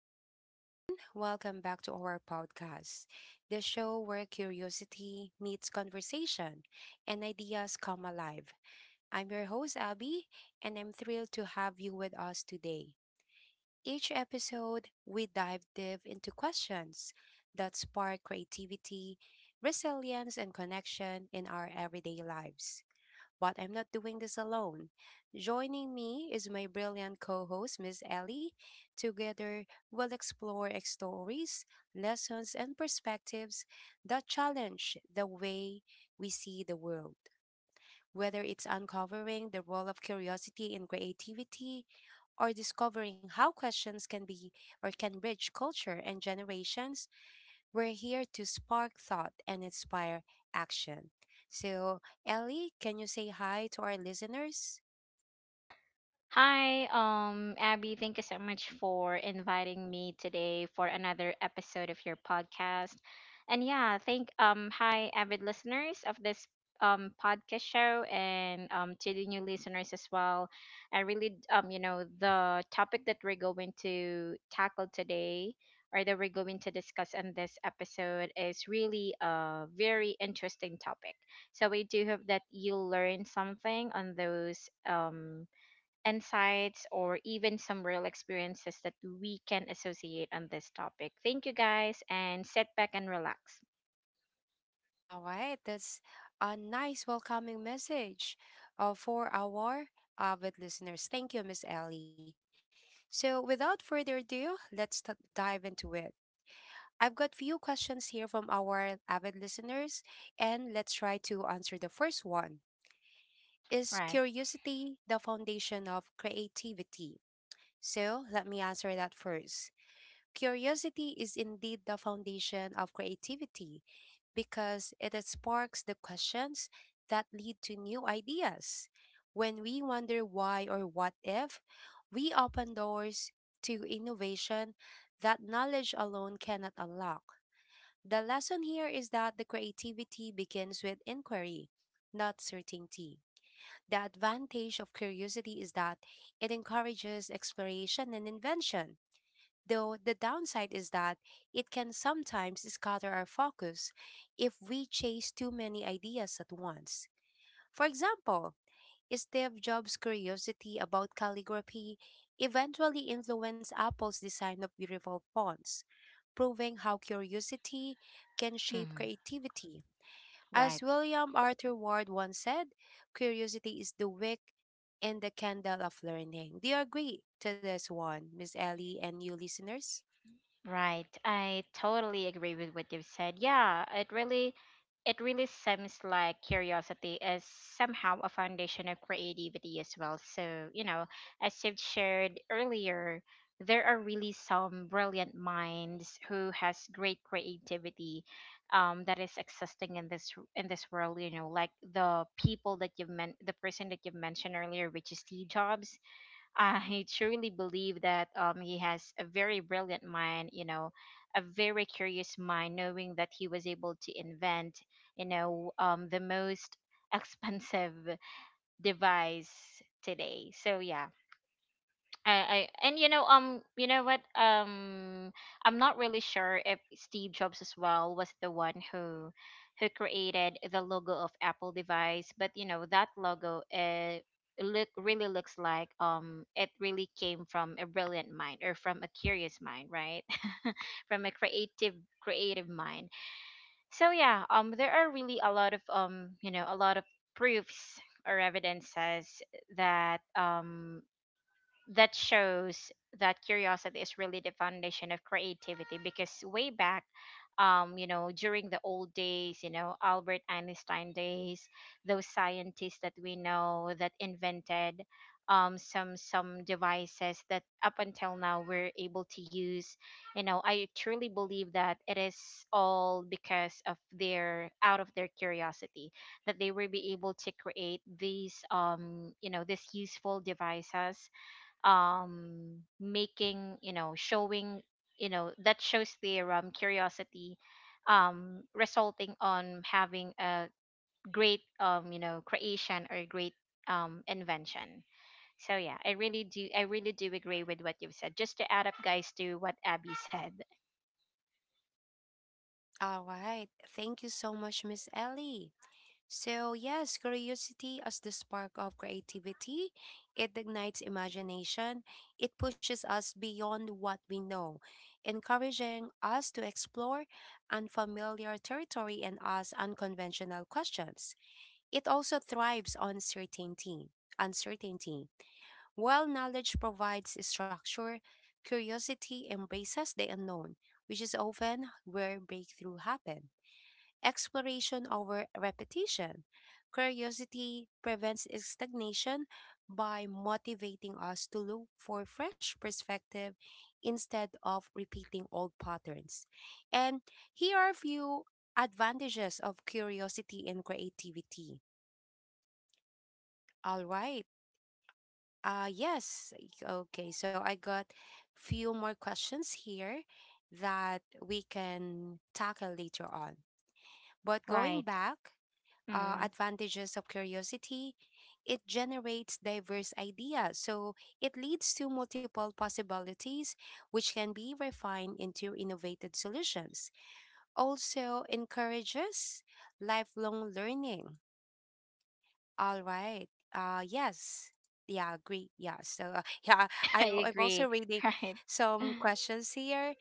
Hi, everyone. Welcome back to our podcast, the show where curiosity meets conversation and ideas come alive. I'm your host, Abby, and I'm thrilled to have you with us today. Each episode, we dive deep into questions that spark creativity, resilience, and connection in our everyday lives, but I'm not doing this alone. Joining me is my brilliant co host, Miss Ellie. Together, we'll explore stories, lessons, and perspectives that challenge the way we see the world. Whether it's uncovering the role of curiosity in creativity or discovering how questions can be or can bridge culture and generations, we're here to spark thought and inspire action. So, Ellie, can you say hi to our listeners? Hi, Abby, thank you so much for inviting me today for another episode of your podcast. And yeah, thank hi avid listeners of this podcast show, and to the new listeners as well. I really d- you know the topic that we're going to tackle today, or that we're going to discuss in this episode, is really a very interesting topic. So we do hope that you learn something on those insights, or even some real experiences that we can associate on this topic. Thank you, guys, and sit back and relax. All right, that's a nice welcoming message, for our avid listeners. Thank you, Miss Ellie. So, without further ado, let's dive into it. I've got few questions here from our avid listeners, and let's try to answer the first one. Is Right. curiosity the foundation of creativity? So let me answer that first. Curiosity is indeed the foundation of creativity because it sparks the questions that lead to new ideas. When we wonder why or what if, we open doors to innovation that knowledge alone cannot unlock. The lesson here is that the creativity begins with inquiry, not certainty. The advantage of curiosity is that it encourages exploration and invention, though the downside is that it can sometimes scatter our focus if we chase too many ideas at once. For example, Steve Jobs' curiosity about calligraphy eventually influenced Apple's design of beautiful fonts, proving how curiosity can shape Mhm. creativity. Right. As William Arthur Ward once said, curiosity is the wick and the candle of learning. Do you agree to this one, Miss Ellie and you listeners? Right. I totally agree with what you've said. Yeah, it really seems like curiosity is somehow a foundation of creativity as well. So, you know, as you've shared earlier, there are really some brilliant minds who has great creativity, that is existing in this world, you know, like the person that you've mentioned earlier, which is Steve Jobs. I truly believe that he has a very brilliant mind, you know, a very curious mind, knowing that he was able to invent, you know, the most expensive device today. So yeah, I and you know what I'm not really sure if Steve Jobs as well was the one who created the logo of Apple device. But you know, that logo look really looks like it really came from a brilliant mind, or from a curious mind, right? From a creative mind. So yeah, there are really a lot of a lot of proofs or evidences that um that shows that curiosity is really the foundation of creativity. Because way back, during the old days, you know, Albert Einstein days, those scientists that we know that invented some devices that up until now we're able to use. I truly believe that it is all because of their out of their curiosity that they will be able to create these these useful devices, making that shows their curiosity, resulting on having a great, creation or great invention. So yeah, I really do agree with what you've said, just to add up, guys, to what Abby said. All right. Thank you so much, Miss Ellie. So, yes, curiosity as the spark of creativity. It ignites imagination. It pushes us beyond what we know, encouraging us to explore unfamiliar territory and ask unconventional questions. It also thrives on certainty. Uncertainty. While knowledge provides structure, curiosity embraces the unknown, which is often where breakthrough happen. Exploration over repetition. Curiosity prevents stagnation by motivating us to look for fresh perspective instead of repeating old patterns. And here are a few advantages of curiosity and creativity. All right. Yes. Okay. So I got few more questions here that we can tackle later on. But Right. going back, Mm. advantages of curiosity, it generates diverse ideas. So it leads to multiple possibilities, which can be refined into innovative solutions. Also encourages lifelong learning. All right. Yes. Yeah, agree. Yeah. So yeah, I I'm agree. also reading Right. some questions here,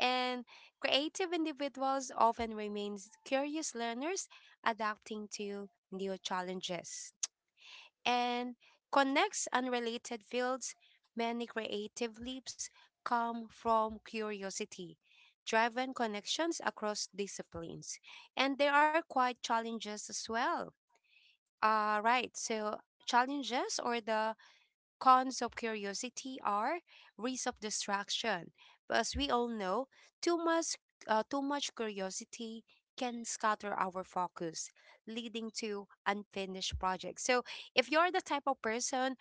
and creative individuals often remains curious learners adapting to new challenges and connects unrelated fields. Many creative leaps come from curiosity, driven connections across disciplines. And there are quite challenges as well, right. So, challenges or the cons of curiosity are risk of distraction. But as we all know, too much, too much curiosity can scatter our focus, leading to unfinished projects. So, if you're the type of person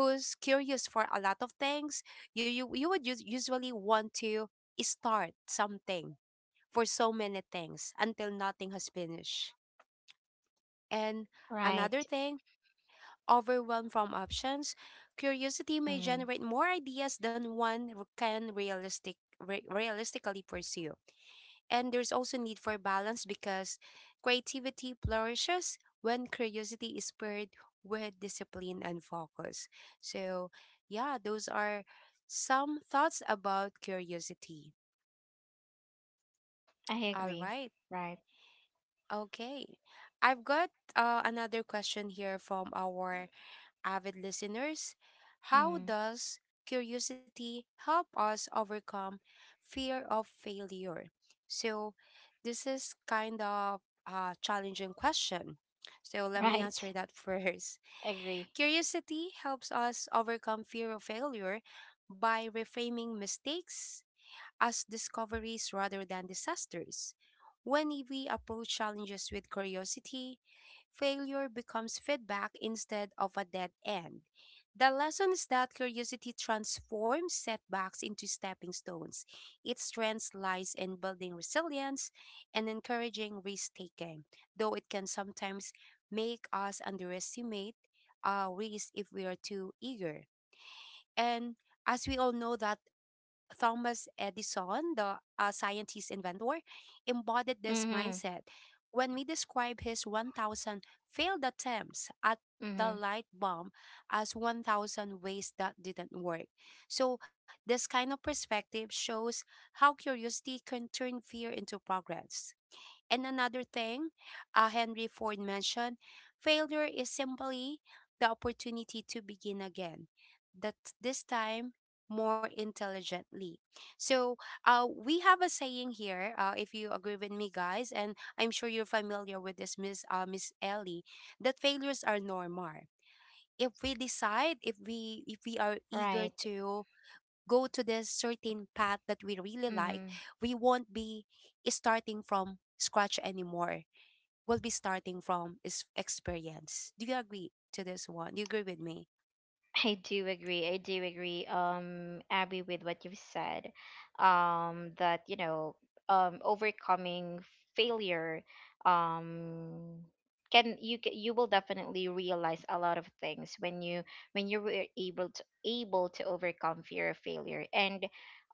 who's curious for a lot of things, you would usually want to start something for so many things until nothing has finished. And Right. another thing, overwhelmed from options, curiosity may Mm. generate more ideas than can realistically pursue. And there's also need for balance because creativity flourishes when curiosity is paired with discipline and focus. So, yeah, those are some thoughts about curiosity. I All agree. right. Right. Okay. I've got, another question here from our avid listeners. How Mm. does curiosity help us overcome fear of failure? So, this is kind of a challenging question. So, let me Right. answer that first. Agree. Curiosity helps us overcome fear of failure by reframing mistakes as discoveries rather than disasters. When we approach challenges with curiosity, failure becomes feedback instead of a dead end. The lesson is that curiosity transforms setbacks into stepping stones. Its strength lies in building resilience and encouraging risk taking, though it can sometimes make us underestimate our risk if we are too eager. And as we all know that Thomas Edison, the scientist inventor, embodied this Mm-hmm. mindset when we describe his 1,000 failed attempts at the Mm-hmm. light bulb as 1,000 ways that didn't work. So this kind of perspective shows how curiosity can turn fear into progress. And another thing, Henry Ford mentioned, failure is simply the opportunity to begin again, that this time more intelligently. So, we have a saying here, if you agree with me, guys, and I'm sure you're familiar with this, Miss Ellie, that failures are normal. If we decide if we if we are eager Right. to go to this certain path that we really like, Mm-hmm. we won't be starting from scratch anymore. We'll be starting from experience. Do you agree to this one? Do you agree with me? I do agree. I do agree, Abby, with what you've said. That, overcoming failure, um, you will definitely realize a lot of things when you were able to overcome fear of failure. And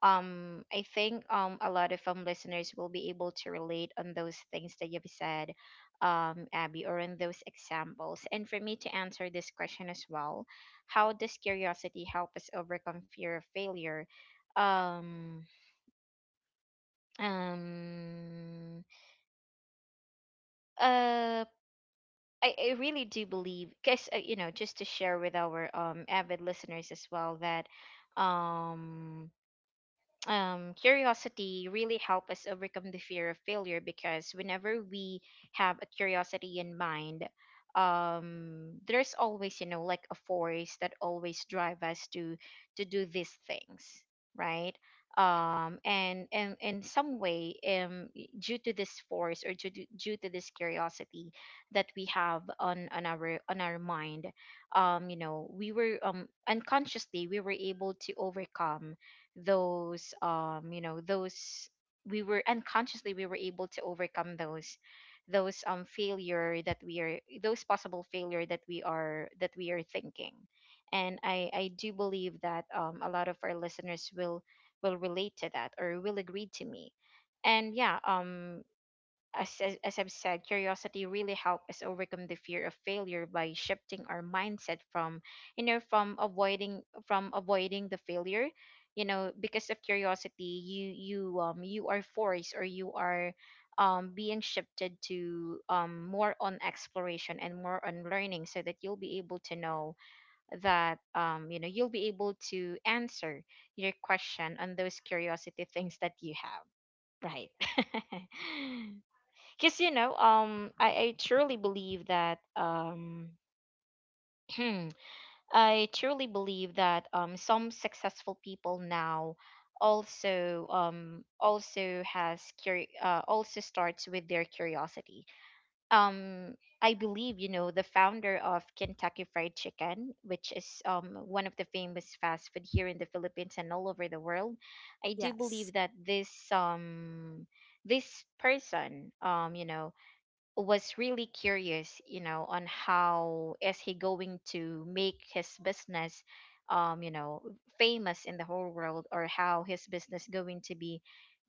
I think a lot of listeners will be able to relate on those things that you've said, Abby, or on those examples. And for me to answer this question as well: how does curiosity help us overcome fear of failure? Um um uh I, I really do believe, because, just to share with our avid listeners as well, that um curiosity really help us overcome the fear of failure. Because whenever we have a curiosity in mind, there's always, you know, like a force that always drive us to do these things, right? And in some way, due to this force, or due to this curiosity that we have on our mind, you know, we were, unconsciously, we were able to overcome those, those, we were unconsciously we were able to overcome those failure that we are, those possible failure that we are, that we are thinking. And I do believe that a lot of our listeners will relate to that, or will agree to me. And yeah, as I've said, curiosity really helped us overcome the fear of failure by shifting our mindset from, from avoiding the failure. You know, because of curiosity, you are forced, or you are being shifted to more on exploration and more on learning, so that you'll be able to know that, you'll be able to answer your question on those curiosity things that you have, right? Because, I truly believe that I truly believe that some successful people now, also starts with their curiosity. um I believe, you know, the founder of Kentucky Fried Chicken, which is one of the famous fast food here in the Philippines and all over the world, I do believe Yes. that this person, you know, was really curious, you know, on how is he going to make his business, um, you know, famous in the whole world, or how his business going to be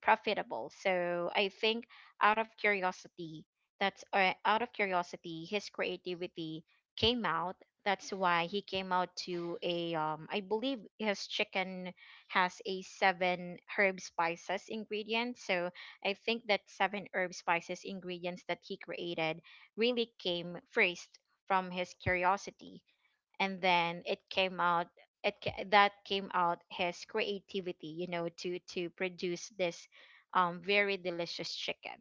profitable. So I think out of curiosity — that's out of curiosity, his creativity came out. That's why he came out to a, I believe his chicken has a seven herb spices ingredient. So I think that seven herb spices ingredients that he created really came first from his curiosity, and then it came out it ca- that came out his creativity, you know, to produce this very delicious chicken,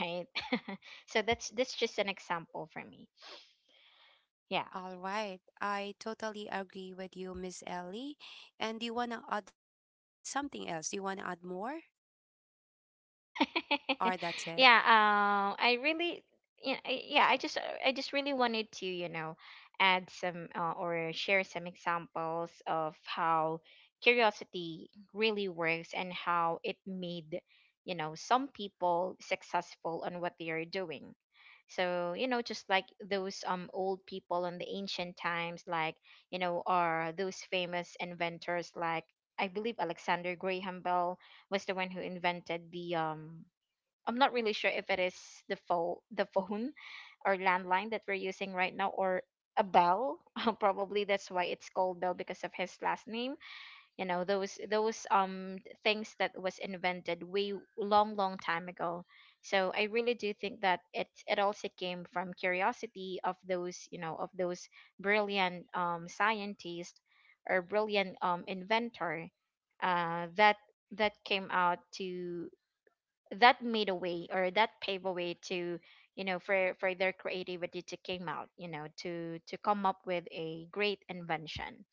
right? So that's just an example for me. Yeah. All right, I totally agree with you, Miss Ellie. And do you want to add something else? Do you want to add more, or that's it? Yeah, I really, yeah, I, I just really wanted to, you know, add some, or share some examples of how curiosity really works, and how it made, you know, some people successful on what they are doing. So, you know, just like those old people in the ancient times, like, you know, or those famous inventors, like, I believe Alexander Graham Bell was the one who invented the, I'm not really sure if it is the phone, the phone or landline that we're using right now, or a bell. Probably that's why it's called Bell because of his last name. You know, those things that was invented way long, long time ago. So I really do think that it also came from curiosity of those, you know, of those brilliant scientist or brilliant inventor, uh that that came out to that made a way, or that paved a way to, for their creativity to came out, to come up with a great invention.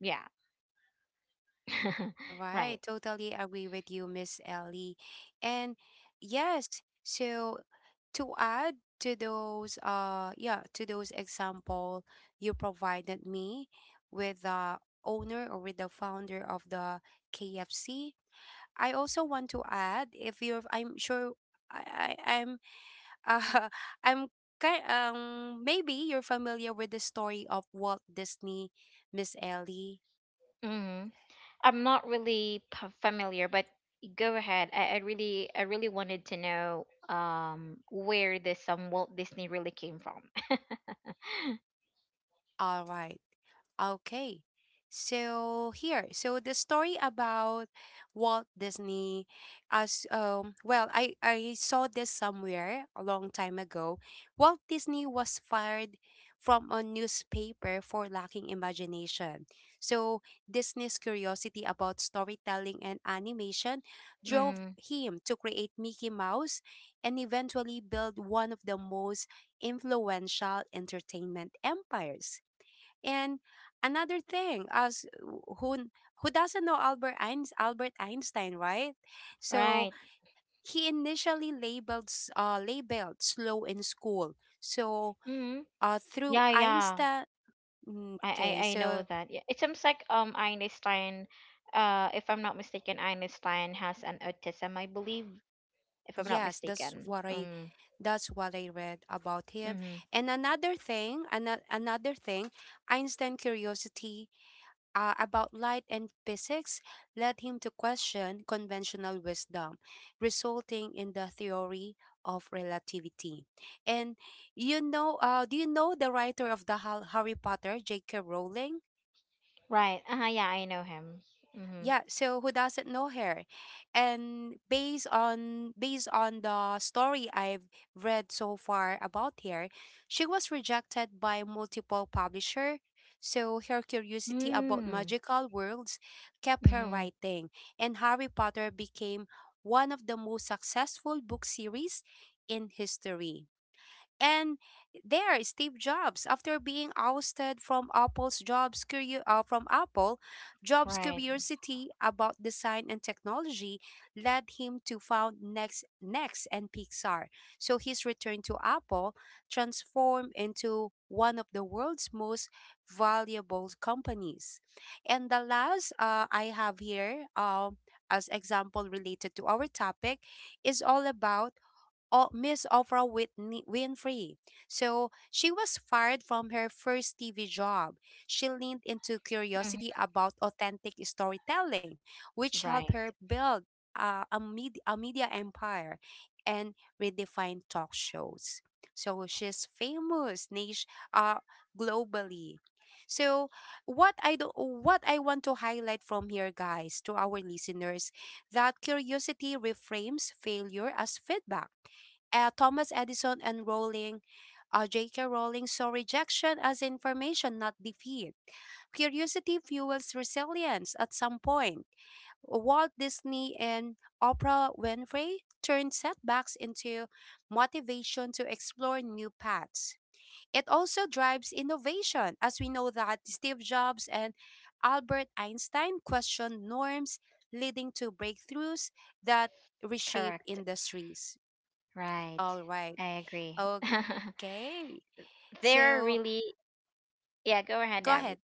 Yeah. All Right. right, totally agree with you, Miss Ellie. And yes, so to add to those example you provided me with the owner, or with the founder of the KFC, I also want to add, if you're, I'm sure, I I'm uh I'm kind maybe you're familiar with the story of Walt Disney, Miss Ellie. Mm-hmm. I'm not really familiar, but go ahead. I really wanted to know where this Walt Disney really came from. All right. Okay. So the story about Walt Disney, as well, I saw this somewhere a long time ago. Walt Disney was fired from a newspaper for lacking imagination. So Disney's curiosity about storytelling and animation drove Mm. him to create Mickey Mouse and eventually build one of the most influential entertainment empires. And another thing, as who who doesn't know Albert Einstein, Albert Einstein, right? So Right. he initially labeled slow in school. So Mm-hmm. Through Yeah, yeah. Einstein, I, okay, I I know so that. Yeah, it seems like Einstein, if I'm not mistaken, Einstein has an autism, I believe, if I'm not yes, that's mistaken. what I, Mm. that's what I read about him. Mm-hmm. And another thing, Einstein curiosity, about light and physics led him to question conventional wisdom, resulting in the theory of relativity. And do you know the writer of the Harry Potter, J.K. Rowling? Right. Uh-huh, yeah, I know him. Mm-hmm. Yeah, so who doesn't know her? And based on the story I've read so far about her, she was rejected by multiple publisher, so her curiosity about Mm. magical worlds kept her Mm-hmm. writing, and Harry Potter became one of the most successful book series in history. And there, Steve Jobs, after being ousted from from Apple, Jobs' Right. curiosity about design and technology led him to found Next and Pixar. So his return to Apple transformed into one of the world's most valuable companies. And the last, I have here, as example related to our topic is all about Miss Oprah Winfrey. So she was fired from her first TV job. She leaned into curiosity Mm-hmm. about authentic storytelling, which helped her Right. build, a media empire and redefine talk shows. So she's famous niche, uh, globally. So what I want to highlight from here, guys, to our listeners, that curiosity reframes failure as feedback. Thomas Edison and J.K. Rowling saw rejection as information, not defeat. Curiosity fuels resilience at some point. Walt Disney and Oprah Winfrey turned setbacks into motivation to explore new paths. It also drives innovation, as we know that Steve Jobs and Albert Einstein questioned norms, leading to breakthroughs that reshape Correct. industries. Right. All right. I agree. Okay. There are So really — yeah, go ahead, go Abby. ahead.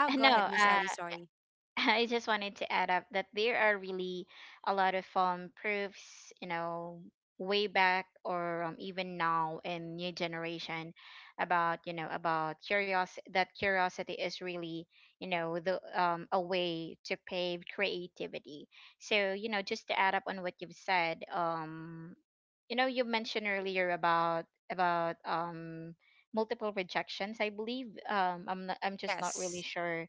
Oh, go ahead, No, Miss Ellie. Sorry. I just wanted to add up that there are really a lot of proofs, you know, way back, or, even now in new generation, about about curiosity, that curiosity is really, the, a way to pave creativity. So, you know, just to add up on what you've said, you mentioned earlier about multiple rejections. I believe, I'm just not really Yes. sure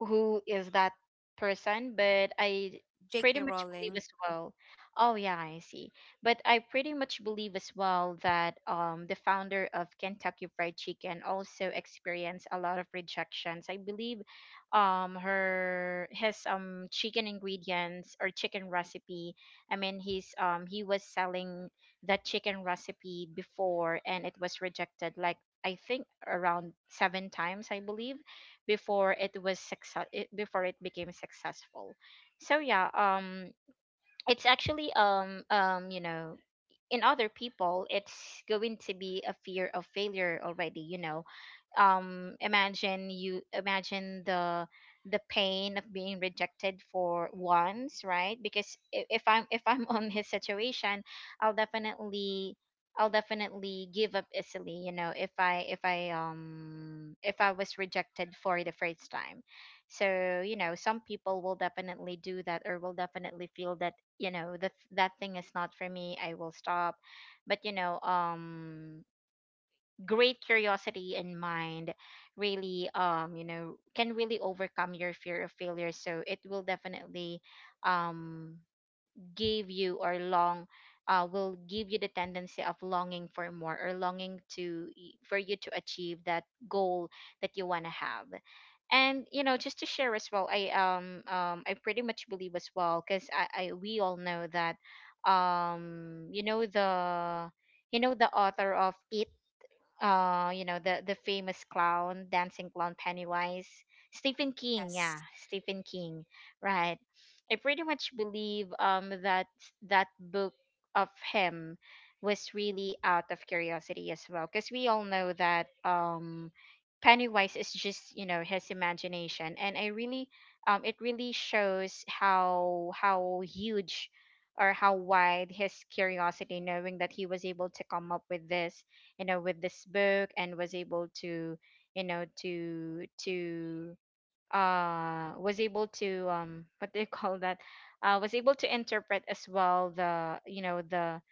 who is that person, but Uh, I pretty J.K. much believe Rowling. as well. Oh yeah, I see. But I pretty much believe as well that the founder of Kentucky Fried Chicken also experienced a lot of rejections. I believe her his chicken ingredients or chicken recipe. He was selling that chicken recipe before and it was rejected like I think around seven times I believe before it was success before it became successful. So yeah, it's actually you know, in other people it's going to be a fear of failure already, you know. Imagine, you imagine the pain of being rejected for once, right? Because if I'm on his situation, i'll definitely I'll definitely give up easily, you know, if I if I if I was rejected for the first time. So you know, some people will definitely do that or will definitely feel that, you know, that thing is not for me, I will stop. But great curiosity in mind really, you know, can really overcome your fear of failure. So it will definitely um give you or long, will give you the tendency of longing for more or longing to for you to achieve that goal that you want to have. And you know, just to share as well, I pretty much believe as well, because I, we all know that you know the, you know the author of it, you know the famous clown, dancing clown, Pennywise, Stephen King. Yeah, Yes. Stephen King, right? I pretty much believe that that book of him was really out of curiosity as well, because we all know that Pennywise is just, you know, his imagination, and I really, it really shows how huge or how wide his curiosity, knowing that he was able to come up with this, you know, with this book, and was able to, you know, to was able to what do you call that, was able to interpret as well the, you know, the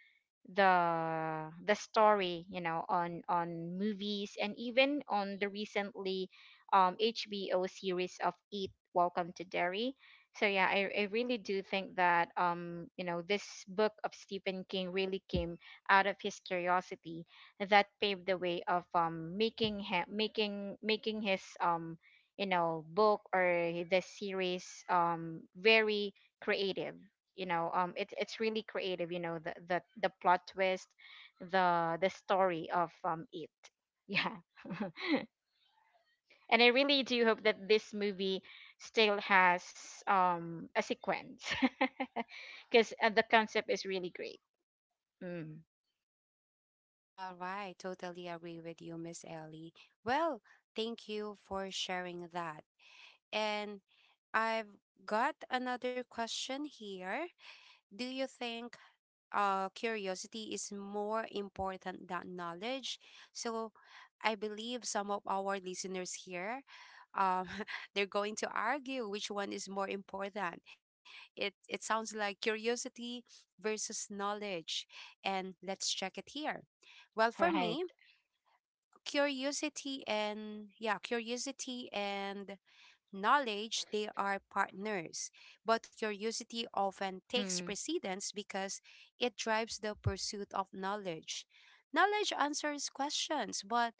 the story, you know, on movies, and even on the recently HBO series of eat Welcome to Derry. So yeah, I really do think that you know, this book of Stephen King really came out of his curiosity, that paved the way of making him, making making his you know, book or this series very creative. You know, it's really creative, you know, the the plot twist, the story of it. Yeah. And I really do hope that this movie still has a sequence. Because the concept is really great. mm, All right. Totally agree with you, Miss Ellie. Well, thank you for sharing that. And I've got another question here. Do you think, curiosity is more important than knowledge? So I believe some of our listeners here, um, they're going to argue which one is more important. It sounds like curiosity versus knowledge, and let's check it here. Well, for right. me, curiosity and yeah, curiosity and knowledge, they are partners. But curiosity often mm, takes precedence because it drives the pursuit of knowledge. Knowledge answers questions, but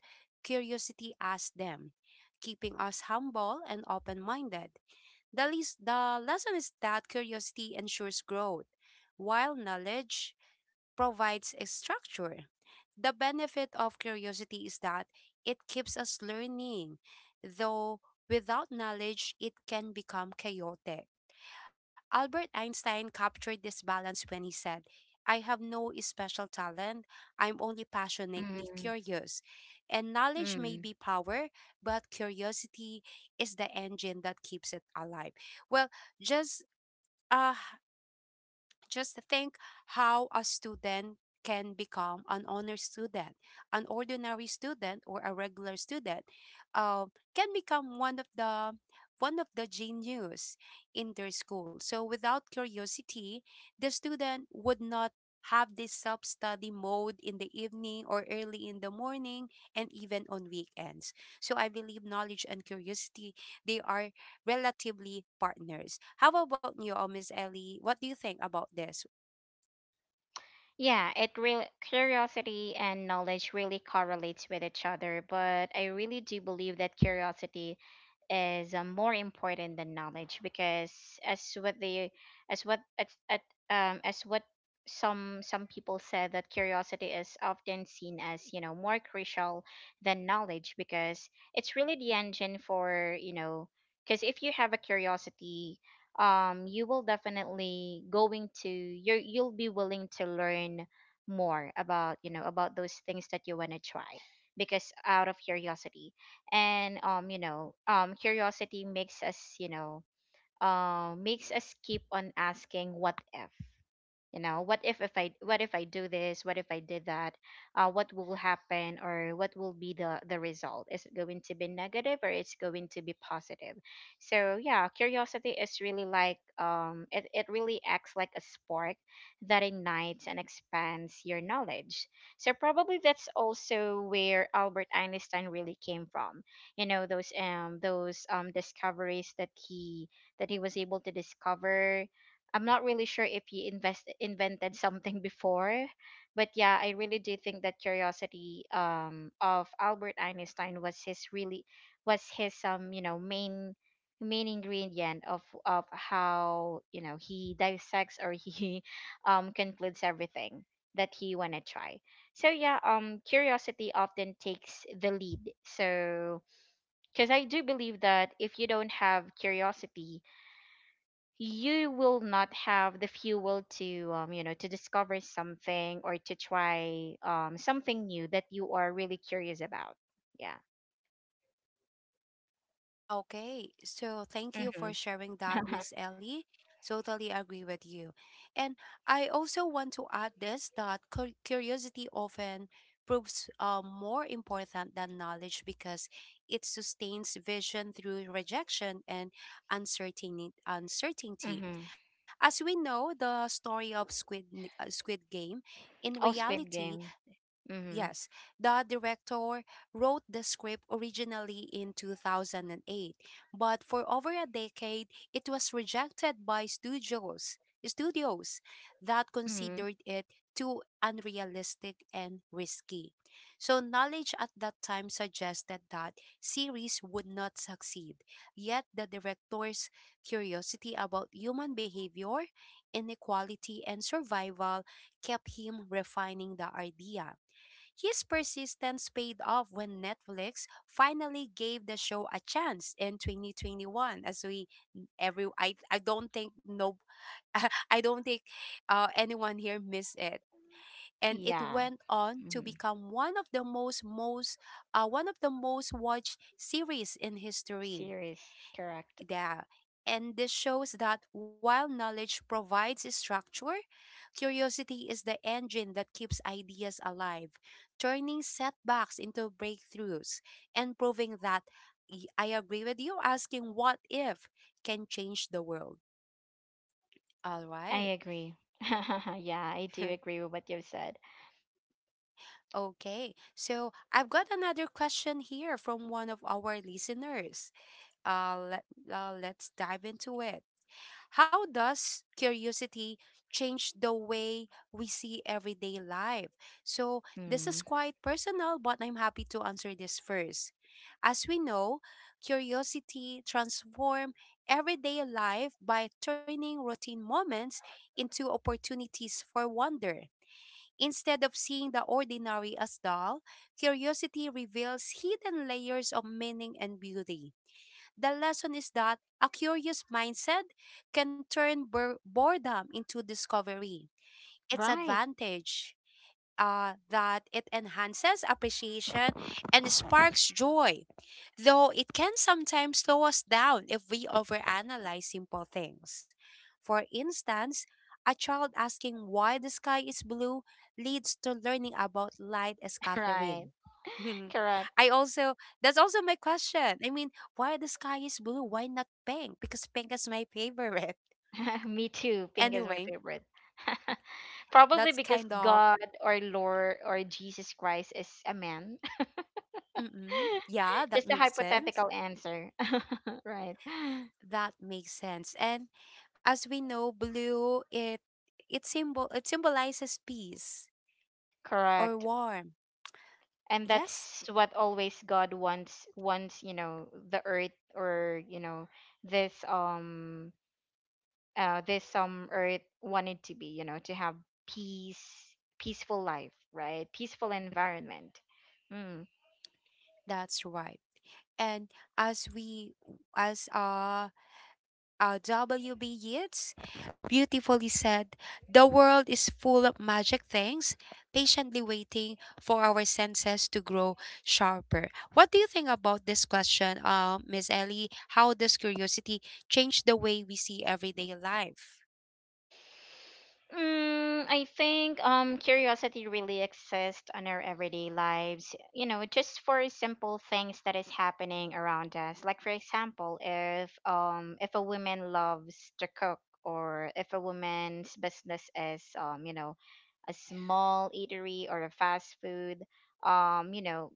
curiosity asks them, keeping us humble and open minded. The lesson is that curiosity ensures growth, while knowledge provides a structure. The benefit of curiosity is that it keeps us learning, though without knowledge, it can become chaotic. Albert Einstein captured this balance when he said, "I have no special talent. I'm only passionately mm, curious." And knowledge may mm. be power, but curiosity is the engine that keeps it alive. Well, just uh just think how a student can become an honor student, an ordinary student, or a regular student uh, can become one of the genius in their school. So without curiosity, the student would not have this self-study mode in the evening or early in the morning, and even on weekends. So I believe knowledge and curiosity, they are relatively partners. How about you, oh, Miss Ellie? What do you think about this? Yeah, it really, curiosity and knowledge really correlates with each other, but I really do believe that curiosity is, more important than knowledge, because as what they, as what at at, as what some people said, that curiosity is often seen as, you know, more crucial than knowledge, because it's really the engine for, you know, because if you have a curiosity, you will definitely going to, you'll be willing to learn more about, you know, about those things that you want to try, because out of curiosity. And you know, curiosity makes us, you know, makes us keep on asking what if, you know, what if I what if I do this, what if I did that, what will happen, or what will be the result, is it going to be negative or it's going to be positive. So yeah, curiosity is really like, it, it really acts like a spark that ignites and expands your knowledge. So probably that's also where Albert Einstein really came from, you know, those discoveries that he, that he was able to discover. I'm not really sure if he invest invented something before, but yeah, I really do think that curiosity of Albert Einstein was his really, was his you know, main ingredient of how, you know, he dissects or he concludes everything that he wanna try. So yeah, curiosity often takes the lead. So because I do believe that if you don't have curiosity, you will not have the fuel to, you know, to discover something, or to try something new that you are really curious about. Yeah. Okay, so thank you for Mm-hmm. sharing that, Miss Ellie. Totally agree with you. And I also want to add this, that curiosity often proves more important than knowledge because it sustains vision through rejection and uncertainty. uncertainty. Mm-hmm. As we know, the story of Squid, Squid Game, in Oh, Squid reality. Game. Mm-hmm. Yes, the director wrote the script originally in 2008, but for over a decade it was rejected by studios that Mm-hmm. considered it too unrealistic and risky. So knowledge at that time suggested that series would not succeed. Yet the director's curiosity about human behavior, inequality, and survival kept him refining the idea. His persistence paid off when Netflix finally gave the show a chance in 2021. As we every I don't think no. I don't think anyone here missed it, and it Yeah. went on to Mm-hmm. become one of the most watched series in history. Series. Correct. Yeah. And this shows that while knowledge provides a structure, curiosity is the engine that keeps ideas alive, turning setbacks into breakthroughs and proving that I agree with you, asking what if can change the world. All I right. agree. Yeah, I do agree with what you've said. Okay. So I've got another question here from one of our listeners. uh, let, let's dive into it. How does curiosity change the way we see everyday life? So this is Mm. quite personal, but I'm happy to answer this first. As we know, curiosity transforms everyday life by turning routine moments into opportunities for wonder. Instead of seeing the ordinary as dull, curiosity reveals hidden layers of meaning and beauty. The lesson is that a curious mindset can turn boredom into discovery. It's Right. advantage that it enhances appreciation and sparks joy, though it can sometimes slow us down if we overanalyze simple things. For instance, a child asking why the sky is blue leads to learning about light Right. scattering. Correct. I also, that's also my question. I mean, why the sky is blue? Why not pink? Because pink is my favorite. Me too. Anyway, Pink is my favorite. that's Probably kind because of God or Lord or Jesus Christ is a man. Yeah, that Just a makes sense. hypothetical answer. Right. That makes sense. And as we know, blue, it symbolizes peace or Correct. warm. And Yes, that's what always God wants, you know, the earth, or, you know, this um this earth wanted to be, you know, to have peace, peaceful life, right? Peaceful environment. Hmm. that's right. And as we as WB Yeats beautifully said, the world is full of magic things, patiently waiting for our senses to grow sharper. What do you think about this question, Miss Ellie? How does curiosity change the way we see everyday life? Mm, I think curiosity really exists on our everyday lives, you know, just for simple things that is happening around us. Like for example, if a woman loves to cook, or if a woman's business is, you know, a small eatery or a fast food, you know,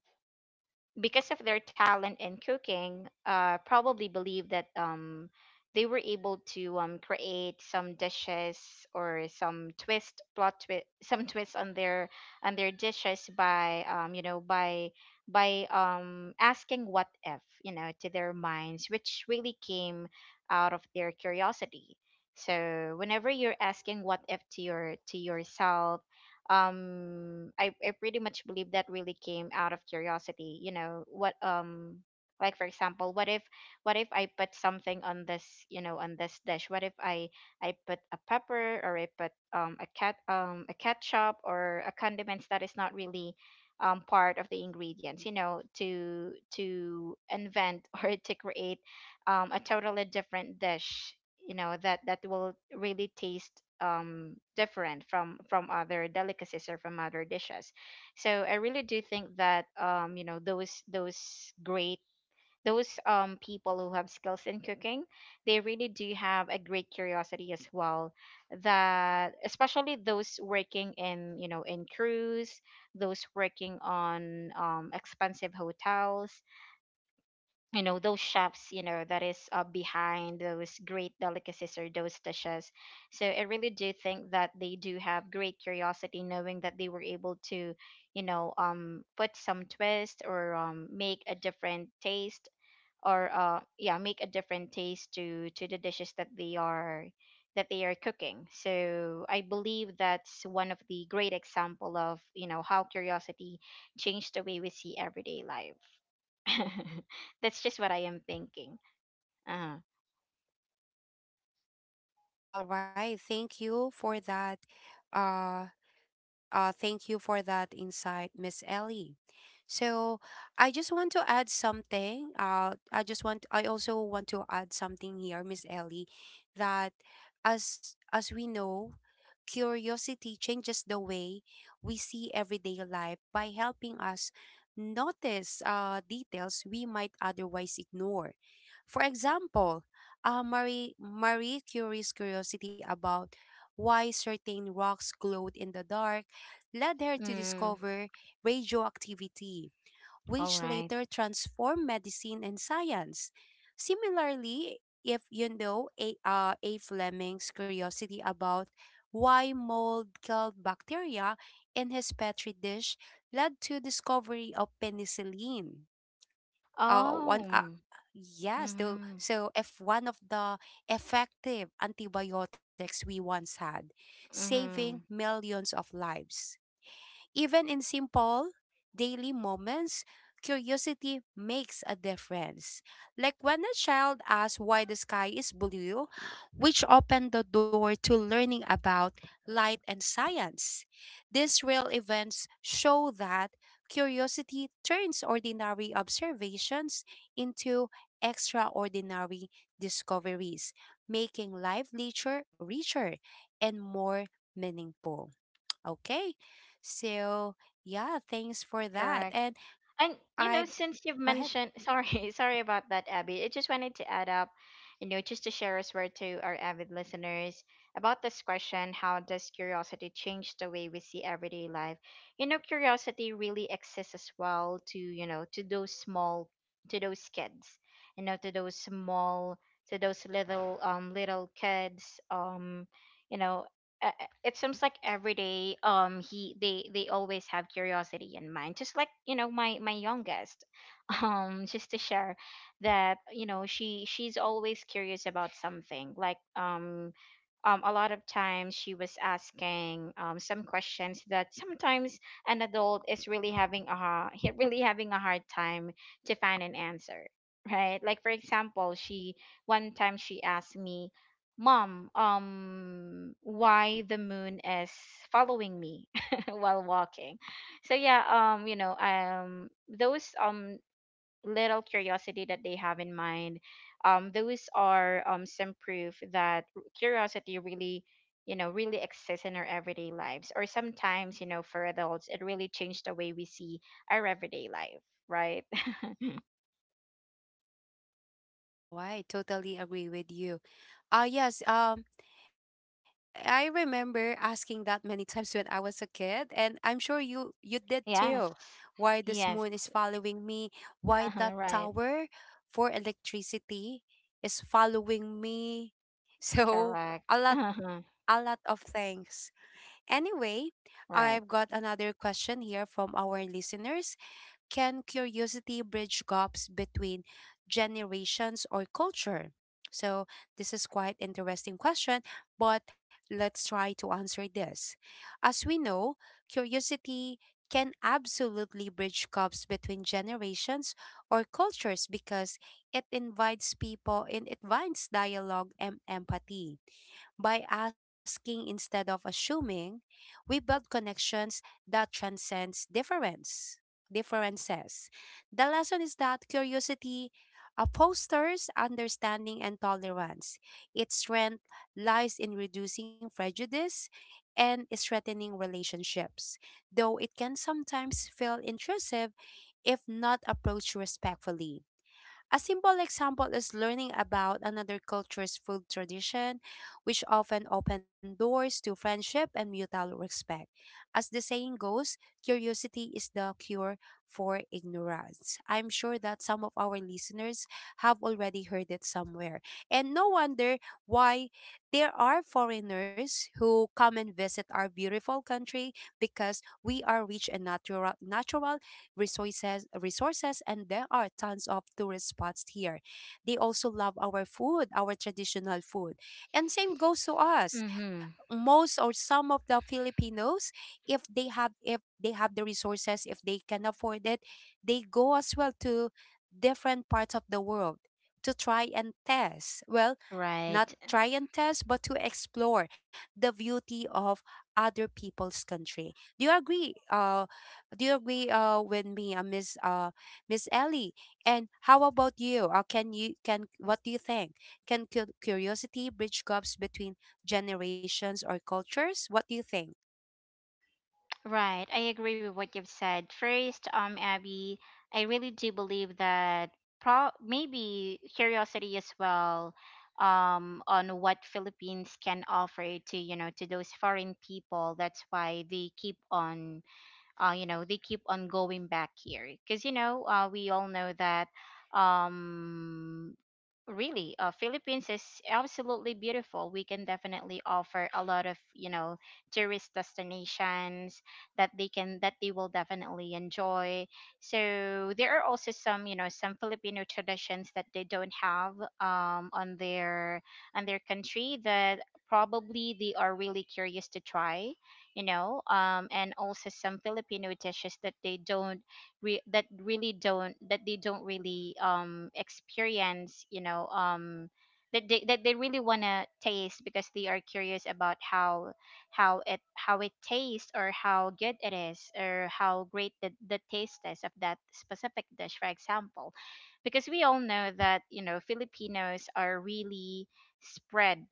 because of their talent in cooking, probably believe that, they were able to, create some dishes, or some twist plot twist, some twists on their dishes by, you know, by asking what if, you know, to their minds, which really came out of their curiosity. So whenever you're asking what if to your, to yourself, I pretty much believe that really came out of curiosity, you know what, like for example, what if, what if I put something on this, you know, on this dish, what if I put a pepper, or I put a ketchup, or a condiments that is not really part of the ingredients, you know, to invent or to create a totally different dish, you know, that that will really taste different from other delicacies, or from other dishes. So I really do think that you know, those great, those people who have skills in cooking, they really do have a great curiosity as well, that especially those working in, you know, in crews, those working on expensive hotels, you know, those chefs, you know, that is, behind those great delicacies, or those dishes. So I really do think that they do have great curiosity, knowing that they were able to, you know, put some twist, or make a different taste, or yeah, make a different taste to the dishes that they are, that they are cooking. So I believe that's one of the great example of, you know, how curiosity changed the way we see everyday life. That's just what I am thinking. uh All right. Thank you for that. Uh, Thank you for that insight, Miss Ellie. So I just want to add something. I just want. I also want to add something here, Miss Ellie, that as we know, curiosity changes the way we see everyday life by helping us notice details we might otherwise ignore. For example, Marie Curie's curiosity about why certain rocks glowed in the dark led her to mm, discover radioactivity, all which right. later transformed medicine and science. Similarly, if you know A. Fleming's curiosity about why mold killed bacteria in his petri dish led to discovery of penicillin. Uh, one, uh, Oh. yes, though, Mm-hmm. so if one of the effective antibiotics we once had, saving Mm-hmm. millions of lives. Even in simple daily moments, curiosity makes a difference. Like when a child asks why the sky is blue, which opened the door to learning about light and science. These real events show that curiosity turns ordinary observations into extraordinary discoveries, making life richer, and more meaningful. Okay. So yeah, thanks for that. Correct. And And you know, I, since you've go ahead. mentioned, sorry, sorry about that, Abby. I just wanted to add up, you know, just to share as well to our avid listeners about this question: how does curiosity change the way we see everyday life? You know, curiosity really exists as well to, you know, to those small, to those kids, you know, to those small, to those little little kids. You know, it seems like every day, he they always have curiosity in mind, just like, you know, my youngest, just to share that, you know, she, she's always curious about something, like a lot of times she was asking some questions that sometimes an adult is really having a really having a hard time to find an answer, right? Like for example, she, one time she asked me, mom, why the moon is following me, while walking. So yeah, you know, those little curiosity that they have in mind, those are, some proof that, curiosity really, you know, really exists in our everyday lives, or sometimes, you know, for adults, it really changed the way we see our everyday life, right? Oh, I totally agree with you. Yes, I remember asking that many times when I was a kid, and I'm sure you did too. Yes. Why this moon Yes. is following me? Why Uh-huh, that right. tower for electricity is following me? So, a Correct. lot, Uh-huh, a lot of things. Anyway, I've right. got another question here from our listeners. Can curiosity bridge gaps between generations or culture? So this is quite interesting question, but let's try to answer this. As we know, curiosity can absolutely bridge gaps between generations or cultures because it invites people, it invites dialogue and empathy. By asking instead of assuming, we build connections that transcends differences. The lesson is that curiosity fosters understanding and tolerance. Its strength lies in reducing prejudice and strengthening relationships, though it can sometimes feel intrusive if not approached respectfully. A simple example is learning about another culture's food tradition, which often open doors to friendship and mutual respect. As the saying goes, curiosity is the cure for ignorance. I'm sure that some of our listeners have already heard it somewhere. And no wonder why there are foreigners who come and visit our beautiful country, because we are rich in natural resources, and there are tons of tourist spots here. They also love our food, our traditional food. And same goes to us. Mm-hmm. Most or some of the Filipinos, if they have the resources, if they can afford it, they go as well to different parts of the world to try and test. Well, not Right. try and test, but to explore the beauty of other people's country. Do you agree with me, Miss Miss Ellie? And how about you? Can you can What do you think? Can curiosity bridge gaps between generations or cultures? What do you think? Right, I agree with what you've said. First, Abby, I really do believe that, pro maybe curiosity as well, on what Philippines can offer to, you know, to those foreign people. That's why they keep on, you know, they keep on going back here, because, you know, we all know that, um really, Philippines is absolutely beautiful. We can definitely offer a lot of, you know, tourist destinations that they can, that they will definitely enjoy. So there are also some, you know, some Filipino traditions that they don't have, on their country, that probably they are really curious to try, you know. And also some Filipino dishes that they don't, that they don't really experience, you know, that they, that they really want to taste, because they are curious about how it, how it tastes, or how good it is, or how great the, taste is of that specific dish, for example. Because we all know that, you know, Filipinos are really spread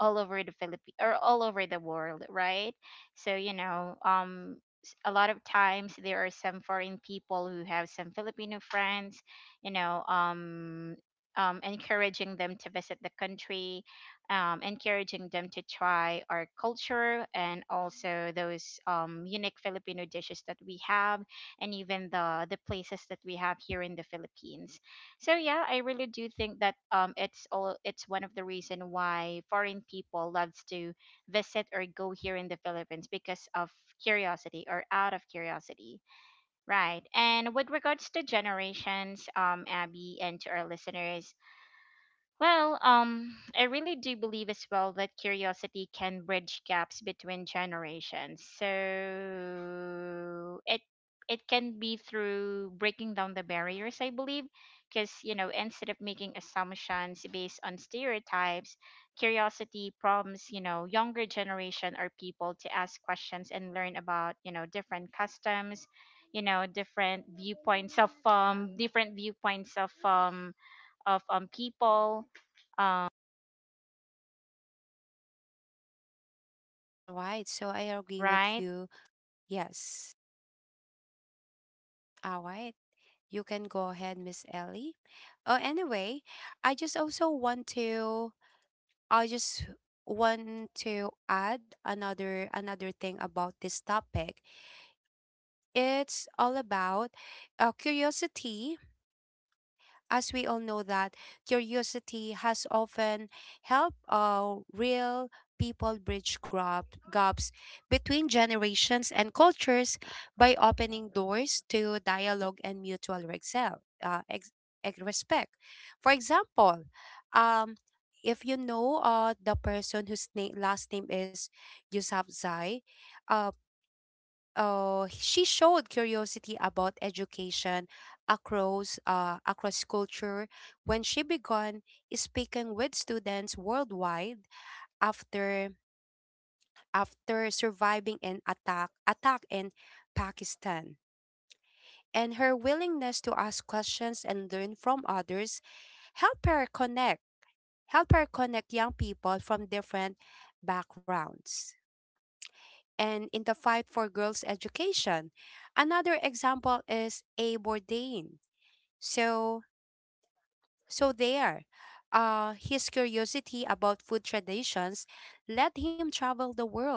all over the Philippi or all over the world, right? So you know, a lot of times, there are some foreign people who have some Filipino friends, you know, encouraging them to visit the country, encouraging them to try our culture, and also those, unique Filipino dishes that we have, and even the places that we have here in the Philippines. So yeah, I really do think that, it's all, it's one of the reason why foreign people loves to visit, or go here in the Philippines, because of curiosity, or out of curiosity, right? And with regards to generations, Abby, and to our listeners, I really do believe as well that curiosity can bridge gaps between generations. So it can be through breaking down the barriers, I believe, because instead of making assumptions based on stereotypes, curiosity prompts younger generation or people to ask questions and learn about different customs, different viewpoints of people um, All right, so I agree with right. you. Yes. All right. You can go ahead, Miss Ellie. Oh, anyway, I just also I just want to add another thing about this topic. It's all about curiosity. As we all know that curiosity has often helped real people bridge gaps between generations and cultures by opening doors to dialogue and mutual respect. For example, um, if you know the person whose last name is Yusuf Zai, she showed curiosity about education across culture when she began speaking with students worldwide after after surviving an attack in Pakistan. And her willingness to ask questions and learn from others help her connect help her connect young people from different backgrounds and in the fight for girls' education. Another example is A. Bourdain. So, so there, his curiosity about food traditions led him travel the world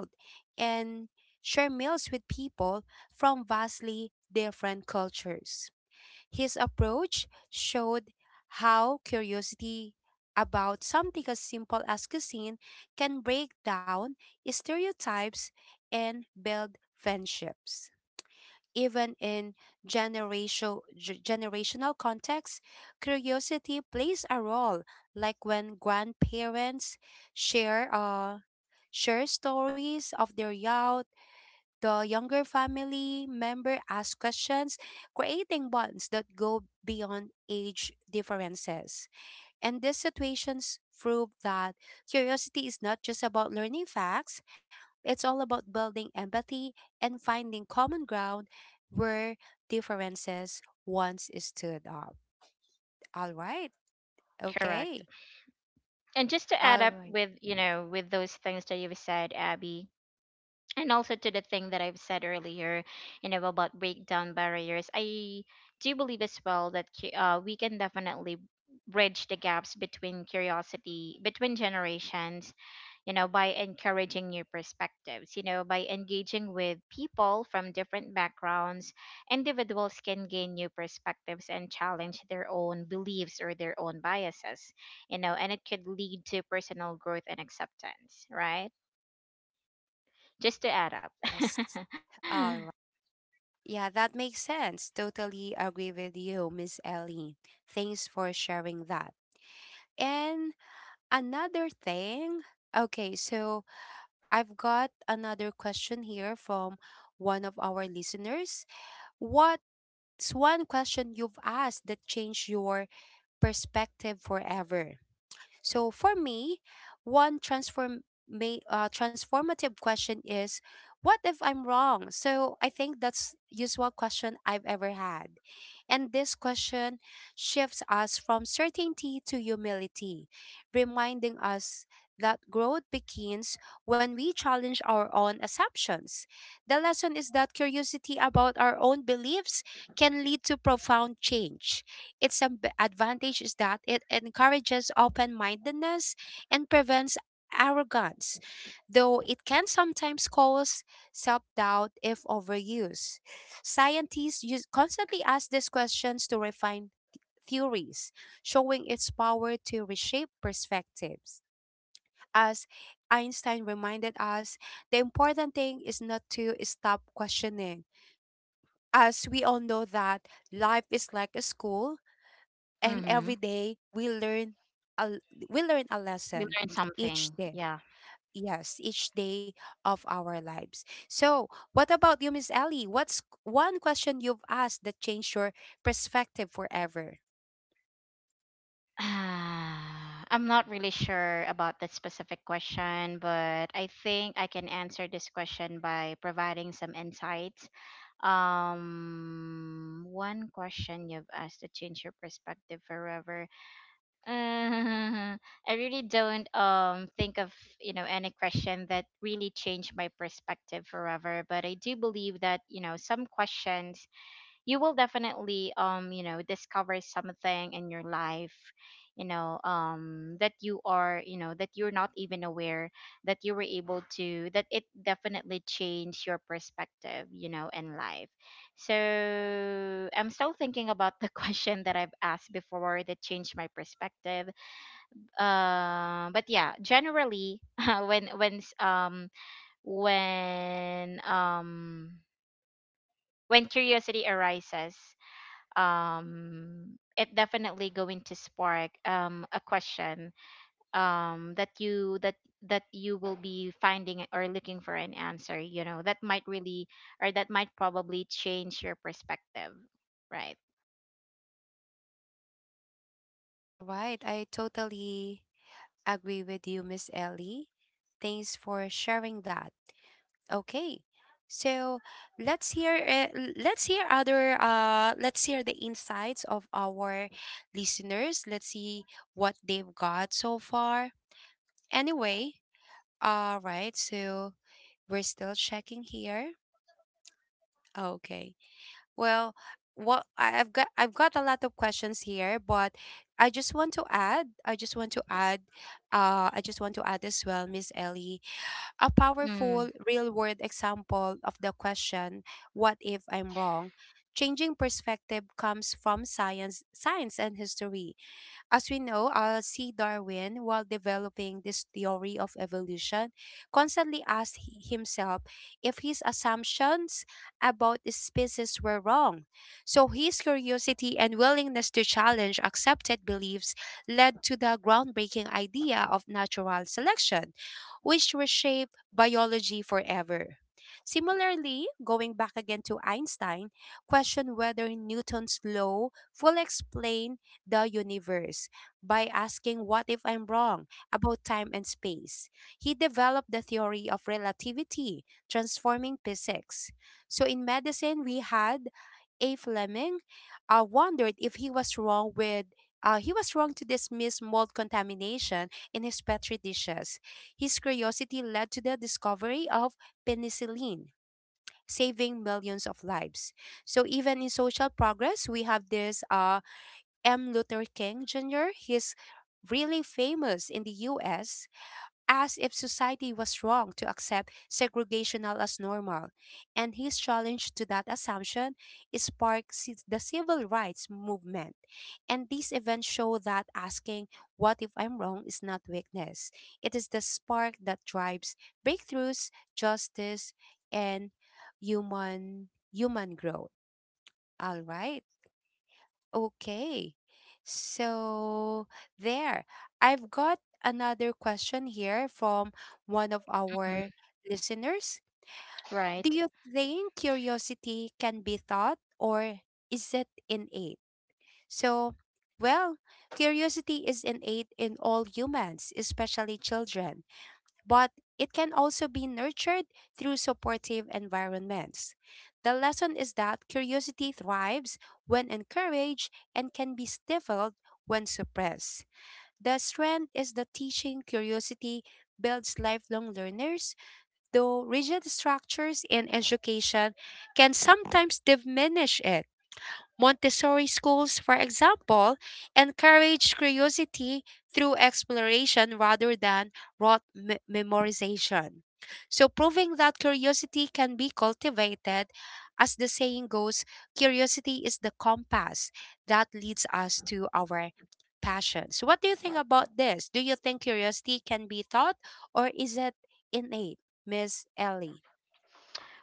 and share meals with people from vastly different cultures. His approach showed how curiosity about something as simple as cuisine can break down stereotypes and build friendships. Even in generational contexts, curiosity plays a role, like when grandparents share, uh, share stories of their youth, the younger family member asks questions, creating bonds that go beyond age differences. And these situations prove that curiosity is not just about learning facts, it's all about building empathy and finding common ground where differences once stood up. All right. Correct. Okay. And just to add All up right. with with those things that you've said, Abby, and also to the thing that I've said earlier, you know, about breakdown barriers, I do believe as well that we can definitely bridge the gaps between curiosity between generations, you know, by encouraging new perspectives, you know, by engaging with people from different backgrounds. Individuals can gain new perspectives and challenge their own beliefs or their own biases, you know, and it could lead to personal growth and acceptance, right? Just to add up. Yes. All right. Yeah, that makes sense. Totally agree with you, Miss Ellie. Thanks for sharing that. And another thing, okay, so I've got another question here from one of our listeners. What's one question you've asked that changed your perspective forever? So for me, one transform may transformative question is, what if I'm wrong? So I think that's usual question I've ever had. And this question shifts us from certainty to humility, reminding us that growth begins when we challenge our own assumptions. The lesson is that curiosity about our own beliefs can lead to profound change. Its advantage is that it encourages open mindedness and prevents arrogance, though it can sometimes cause self doubt if overused. Scientists constantly ask these questions to refine theories, showing its power to reshape perspectives. As Einstein reminded us, the important thing is not to stop questioning. As we all know that life is like a school, and Mm-hmm. every day we learn a, we learn a We lesson learned each something. day. Yeah. Yes, each day of our lives. So what about you, Miss Ellie? What's one question you've asked that changed your perspective forever? Ah, I'm not really sure about that specific question, but I think I can answer this question by providing some insights. One question you've asked to change your perspective forever. Uh, I really don't think of any question that really changed my perspective forever, but I do believe that some questions you will definitely discover something in your life, that you are, that you're not even aware that you were able to, that it definitely changed your perspective, in life. So I'm still thinking about the question that I've asked before that changed my perspective. But yeah, generally when when um when curiosity arises, it definitely going to spark a question, that that you will be finding or looking for an answer, that might really or that might probably change your perspective, right? All right, I totally agree with you, Miss Ellie. Thanks for sharing that. Okay. So let's hear let's hear other let's hear the insights of our listeners. Let's see what they've got so far. Anyway, all right. So we're still checking here. Okay. Well, what I've got a lot of questions here, but I just want to add I just want to add I just want to add as well, Miss Ellie, a Mm-hmm. powerful real world example of the question, what if I'm wrong? Changing perspective comes from science and history. As we know, C. Darwin, while developing this theory of evolution, constantly asked himself if his assumptions about the species were wrong. So his curiosity and willingness to challenge accepted beliefs led to the groundbreaking idea of natural selection, which reshaped biology forever. Similarly, going back again to Einstein, question whether Newton's law fully explained the universe by asking, what if I'm wrong about time and space. He developed the theory of relativity, transforming physics. So in medicine, we had A. Fleming wondered if he was wrong with he was wrong to dismiss mold contamination in his petri dishes. His curiosity led to the discovery of penicillin, saving millions of lives. So even in social progress, we have this M. Luther King Jr. He's really famous in the US, as if society was wrong to accept segregational as normal. And his challenge to that assumption sparked the civil rights movement. And these events show that asking, what if I'm wrong, is not weakness. It is the spark that drives breakthroughs, justice, and human growth. All right. Okay. So there. I've got another question here from one of our listeners. Do Right. you think curiosity can be taught or is it innate? So, well, curiosity is innate in all humans, especially children, but it can also be nurtured through supportive environments. The lesson is that curiosity thrives when encouraged and can be stifled when suppressed. The strength is the teaching curiosity builds lifelong learners, though rigid structures in education can sometimes diminish it. Montessori schools, for example, encourage curiosity through exploration rather than memorization. So, proving that curiosity can be cultivated, as the saying goes, curiosity is the compass that leads us to our passions. What do you think about this? Do you think curiosity can be taught or is it innate, Miss Ellie?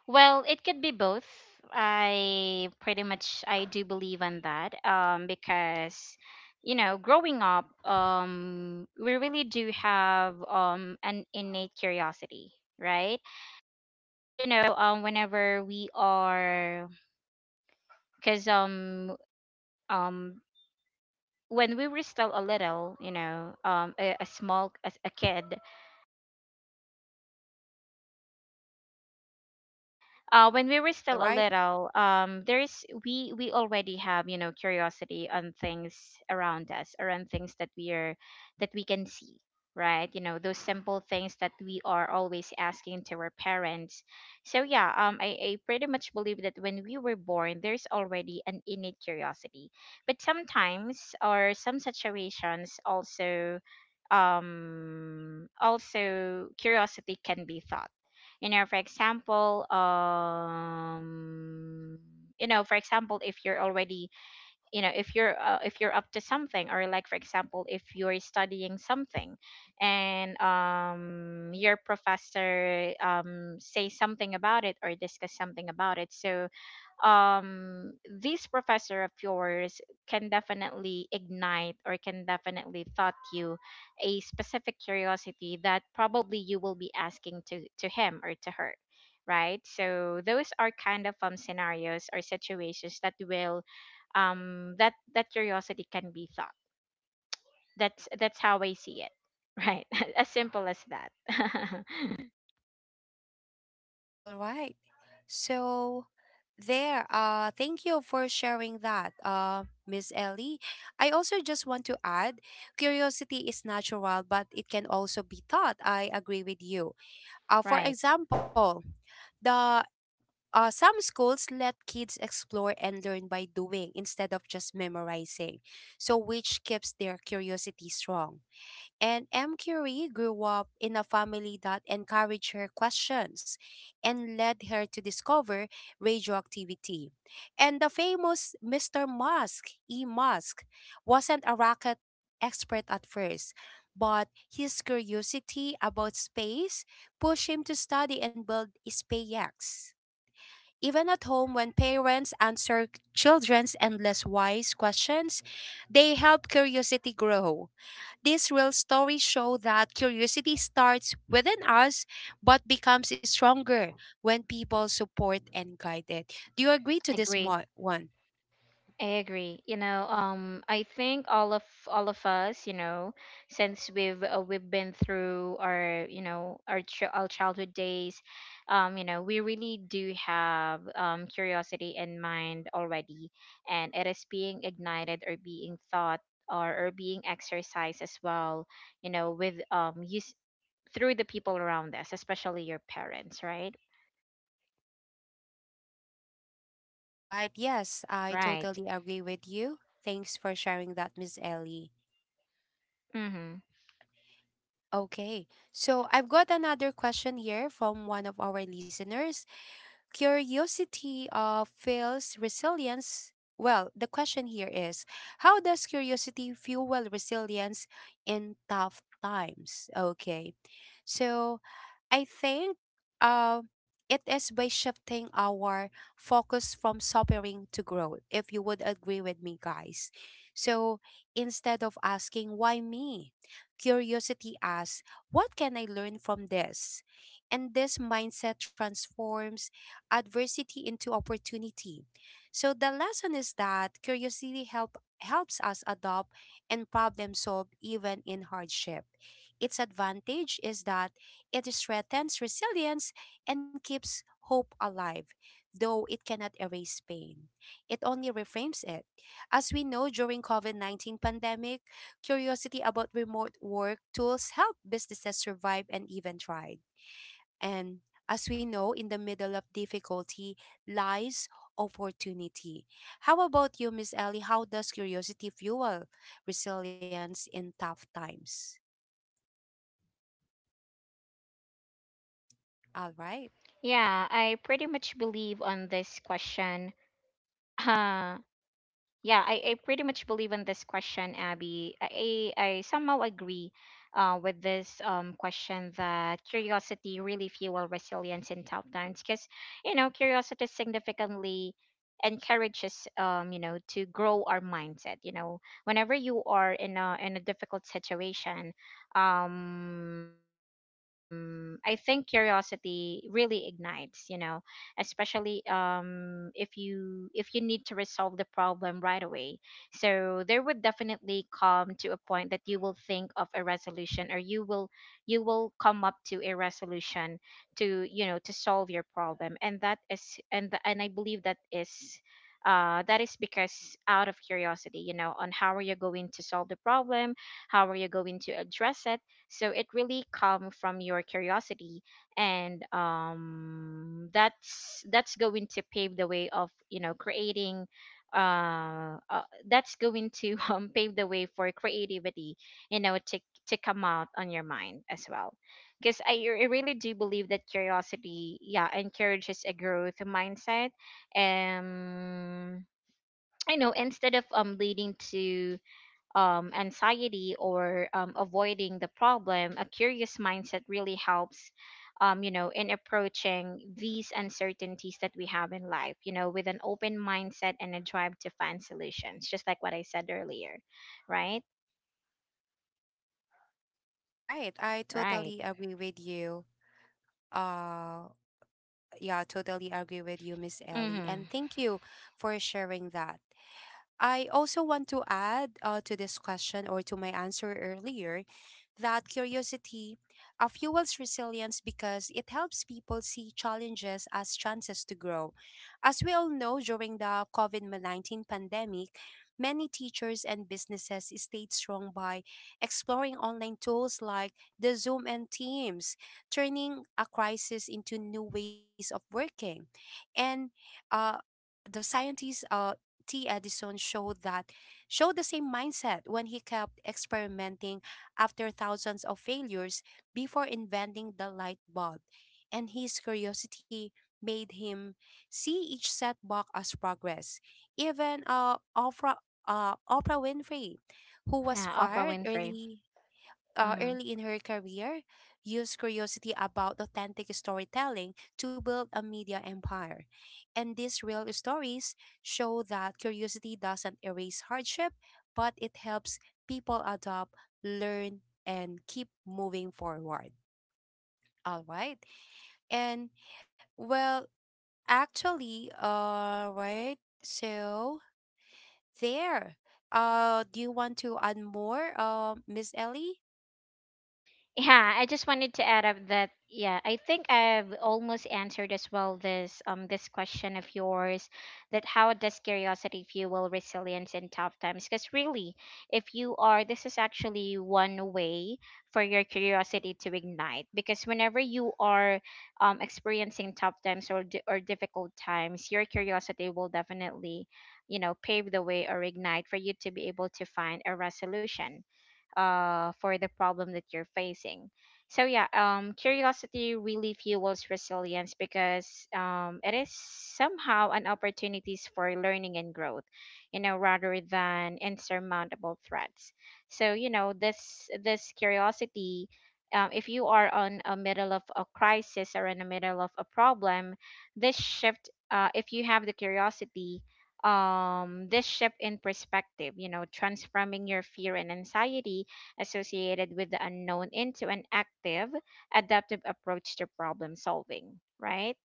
Well, it could be both. I pretty much I do believe on that because, you know, growing up, we really do have an innate curiosity, right? 'Cause, you know, whenever we are, cuz um when we were still a little, you know, a small a kid, when we were All still a right. little, there's we already have, you know, curiosity on things around us, around things that we are, that we can see, right? You know those simple things that we are always asking to our parents. So yeah, I pretty much believe that when we were born, there's already an innate curiosity, but sometimes or some situations also also curiosity can be thought. You know, for example, for example, if you're already, if you're up to something, or like for example, if you're studying something, and your professor say something about it or discuss something about it. So um this professor of yours can definitely ignite or can definitely thought you a specific curiosity that probably you will be asking to him or to her, right? So those are kind of scenarios or situations that will that curiosity can be thought. That's how I see it. Right. As simple as that. All right. So there, thank you for sharing that, Miss Ellie. I also just want to add, curiosity is natural, but it can also be taught. I agree with you. For Right. example, the some schools let kids explore and learn by doing instead of just memorizing, so which keeps their curiosity strong. And M. Curie grew up in a family that encouraged her questions and led her to discover radioactivity. And the famous Mr. Musk, E. Musk, wasn't a rocket expert at first, but his curiosity about space pushed him to study and build SpaceX. Even at home, when parents answer children's endless wise questions, they help curiosity grow. These real stories show that curiosity starts within us but becomes stronger when people support and guide it. Do you agree to this Agree. one? I agree. You know, I think all of us, you know, since we've been through our, you know, our childhood days, you know, we really do have curiosity in mind already, and it is being ignited or being thought, or being exercised as well, you know, with use through the people around us, especially your parents, right? All right. Yes, I Right. totally agree with you. Thanks for sharing that, Miss Ellie. Mm-hmm. Okay. So I've got another question here from one of our listeners. Curiosity fuels resilience. Well, the question here is, how does curiosity fuel resilience in tough times? Okay. So, I think uh, it is by shifting our focus from suffering to growth, if you would agree with me, guys. So instead of asking, why me? Curiosity asks, what can I learn from this? And this mindset transforms adversity into opportunity. So the lesson is that helps us adopt and problem solve even in hardship. Its advantage is that it strengthens resilience and keeps hope alive, though it cannot erase pain. It only reframes it. As we know, during COVID-19 pandemic, curiosity about remote work tools helped businesses survive and even thrive. And as we know, in the middle of difficulty lies opportunity. How about you, Miss Ellie? How does curiosity fuel resilience in tough times? All right. Yeah, I pretty much believe on this question. Uh, yeah, I pretty much believe in this question, Abby. I somehow agree with this question that curiosity really fuel resilience in tough times, because, you know, curiosity significantly encourages to grow our mindset, you know, whenever you are in a difficult situation, I think curiosity really ignites, you know, especially if you need to resolve the problem right away. So there would definitely come to a point that you will think of a resolution, or you will come up to a resolution to, you know, to solve your problem. And that is, and I believe that is, that is because out of curiosity, you know, on how are you going to solve the problem, how are you going to address it. So it really come from your curiosity, and that's going to pave the way of, you know, creating uh, uh that's going to pave the way for creativity, you know, to come out on your mind as well. Because I really do believe that curiosity, yeah, encourages a growth mindset. um I know, instead of leading to anxiety, or avoiding the problem, a curious mindset really helps, you know, in approaching these uncertainties that we have in life, you know, with an open mindset and a drive to find solutions, just like what I said earlier, right? Right. I totally Right. agree with you. Uh, yeah, totally agree with you, Miss Ellie. And Mm-hmm. thank you for sharing that. I also want to add to this question or to my answer earlier that curiosity fuels resilience because it helps people see challenges as chances to grow. As we all know, during the COVID-19 pandemic, many teachers and businesses stayed strong by exploring online tools like the Zoom and Teams, turning a crisis into new ways of working. And uh, the scientist T. Edison showed the same mindset when he kept experimenting after thousands of failures before inventing the light bulb, and his curiosity made him see each setback as progress. Even Oprah Winfrey, who was Yeah, Oprah fired Winfrey. early Mm-hmm. early in her career, used curiosity about authentic storytelling to build a media empire. And these real stories show that curiosity doesn't erase hardship, but it helps people adopt, learn, and keep moving forward. All right. And, well, actually, all right. So there. Do you want to add more, Miss Ellie? Yeah, I just wanted to add up that, yeah, I think I've almost answered as well this this question of yours, that how does curiosity fuel resilience in tough times? Because really, if you are, this is actually one way for your curiosity to ignite, because whenever you are experiencing tough times, or difficult times, your curiosity will definitely, you know, pave the way or ignite for you to be able to find a resolution for the problem that you're facing. So yeah, curiosity really fuels resilience because it is somehow an opportunities for learning and growth, you know, rather than insurmountable threats. So you know, this curiosity, if you are on a middle of a crisis or in the middle of a problem, this shift, if you have the curiosity, this shift in perspective, you know, transforming your fear and anxiety associated with the unknown into an active adaptive approach to problem solving, right?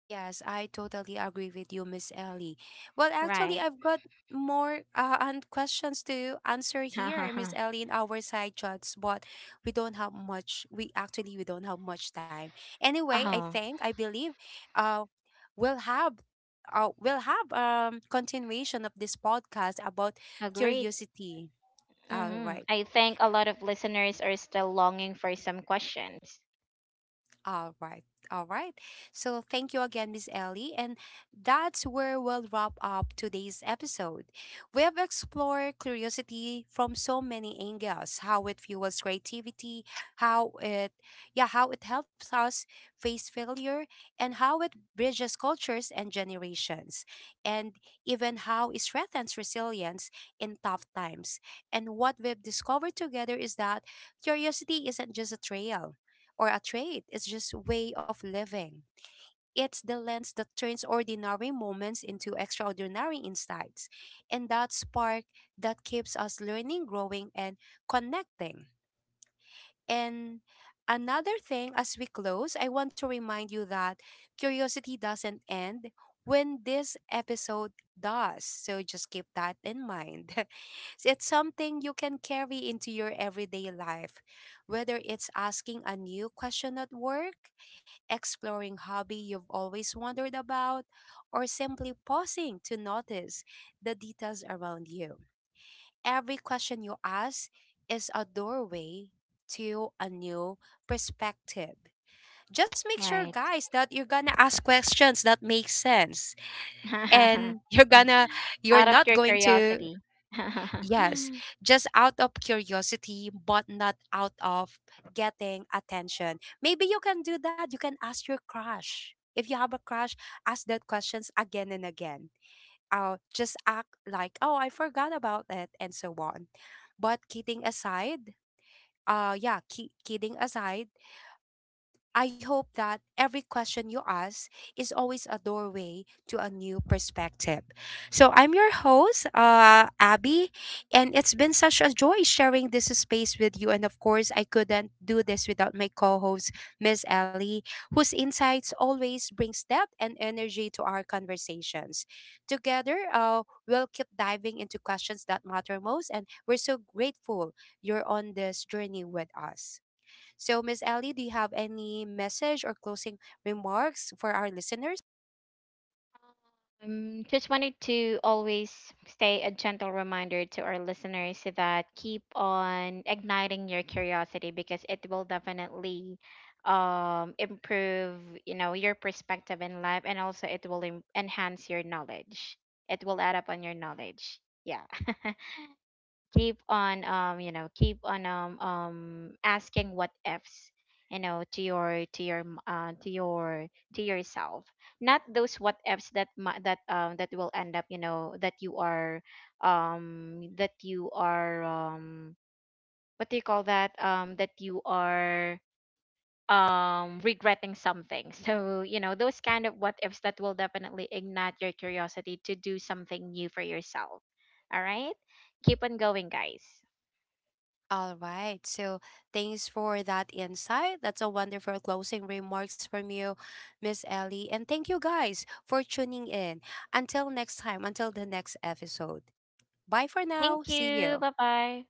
Yes, I totally agree with you, Miss Ellie. Well, actually, Right. I've got more and questions to answer here, Miss Ellie, in our side chats, but we don't have much. We don't have much time. Anyway, I Oh. think, I believe, uh, we'll have. We'll have continuation of this podcast about Agreed. curiosity. All Mm-hmm. right. I think a lot of listeners are still longing for some questions. All right. All right. So thank you again, Miss Ellie. And that's where we'll wrap up today's episode. We have explored curiosity from so many angles: how it fuels creativity, how it, yeah, how it helps us face failure, and how it bridges cultures and generations, and even how it strengthens resilience in tough times. And what we've discovered together is that curiosity isn't just a trail or a trait. It's just way of living. It's the lens that turns ordinary moments into extraordinary insights. And that spark that keeps us learning, growing, and connecting. And another thing, as we close, I want to remind you that curiosity doesn't end when this episode does. So just keep that in mind. It's something you can carry into your everyday life, whether it's asking a new question at work, exploring hobby you've always wondered about, or simply pausing to notice the details around you. Every question you ask is a doorway to a new perspective. Just make sure, Right. guys, that you're going to ask questions that make sense, and you're going to, you're Out of not your going to, curiosity. yes, just out of curiosity but not out of getting attention. Maybe you can do that. You can ask your crush. If you have a crush, ask that questions again and again, just act like, oh, I forgot about it, and so on. But kidding aside, yeah, kidding aside, I hope that every question you ask is always a doorway to a new perspective. So I'm your host, Abby, and it's been such a joy sharing this space with you. And of course, I couldn't do this without my co-host, Miss Ellie, whose insights always brings depth and energy to our conversations. Together, we'll keep diving into questions that matter most, and we're so grateful you're on this journey with us. So, Miss Ellie, do you have any message or closing remarks for our listeners? Just wanted to always stay a gentle reminder to our listeners that keep on igniting your curiosity, because it will definitely improve, you know, your perspective in life, and also it will enhance your knowledge. It will add up on your knowledge. Yeah. Keep on keep on asking what ifs, you know, to your to your to yourself. Not those what ifs that that will end up, you know, that you are what do you call that, that you are regretting something. So you know those kind of what ifs that will definitely ignite your curiosity to do something new for yourself. All right. Keep on going, guys. All right. So, thanks for that insight. That's a wonderful closing remarks from you, Miss Ellie. And thank you guys for tuning in. Until next time, until the next episode. Bye for now. Thank See you. you. Bye bye.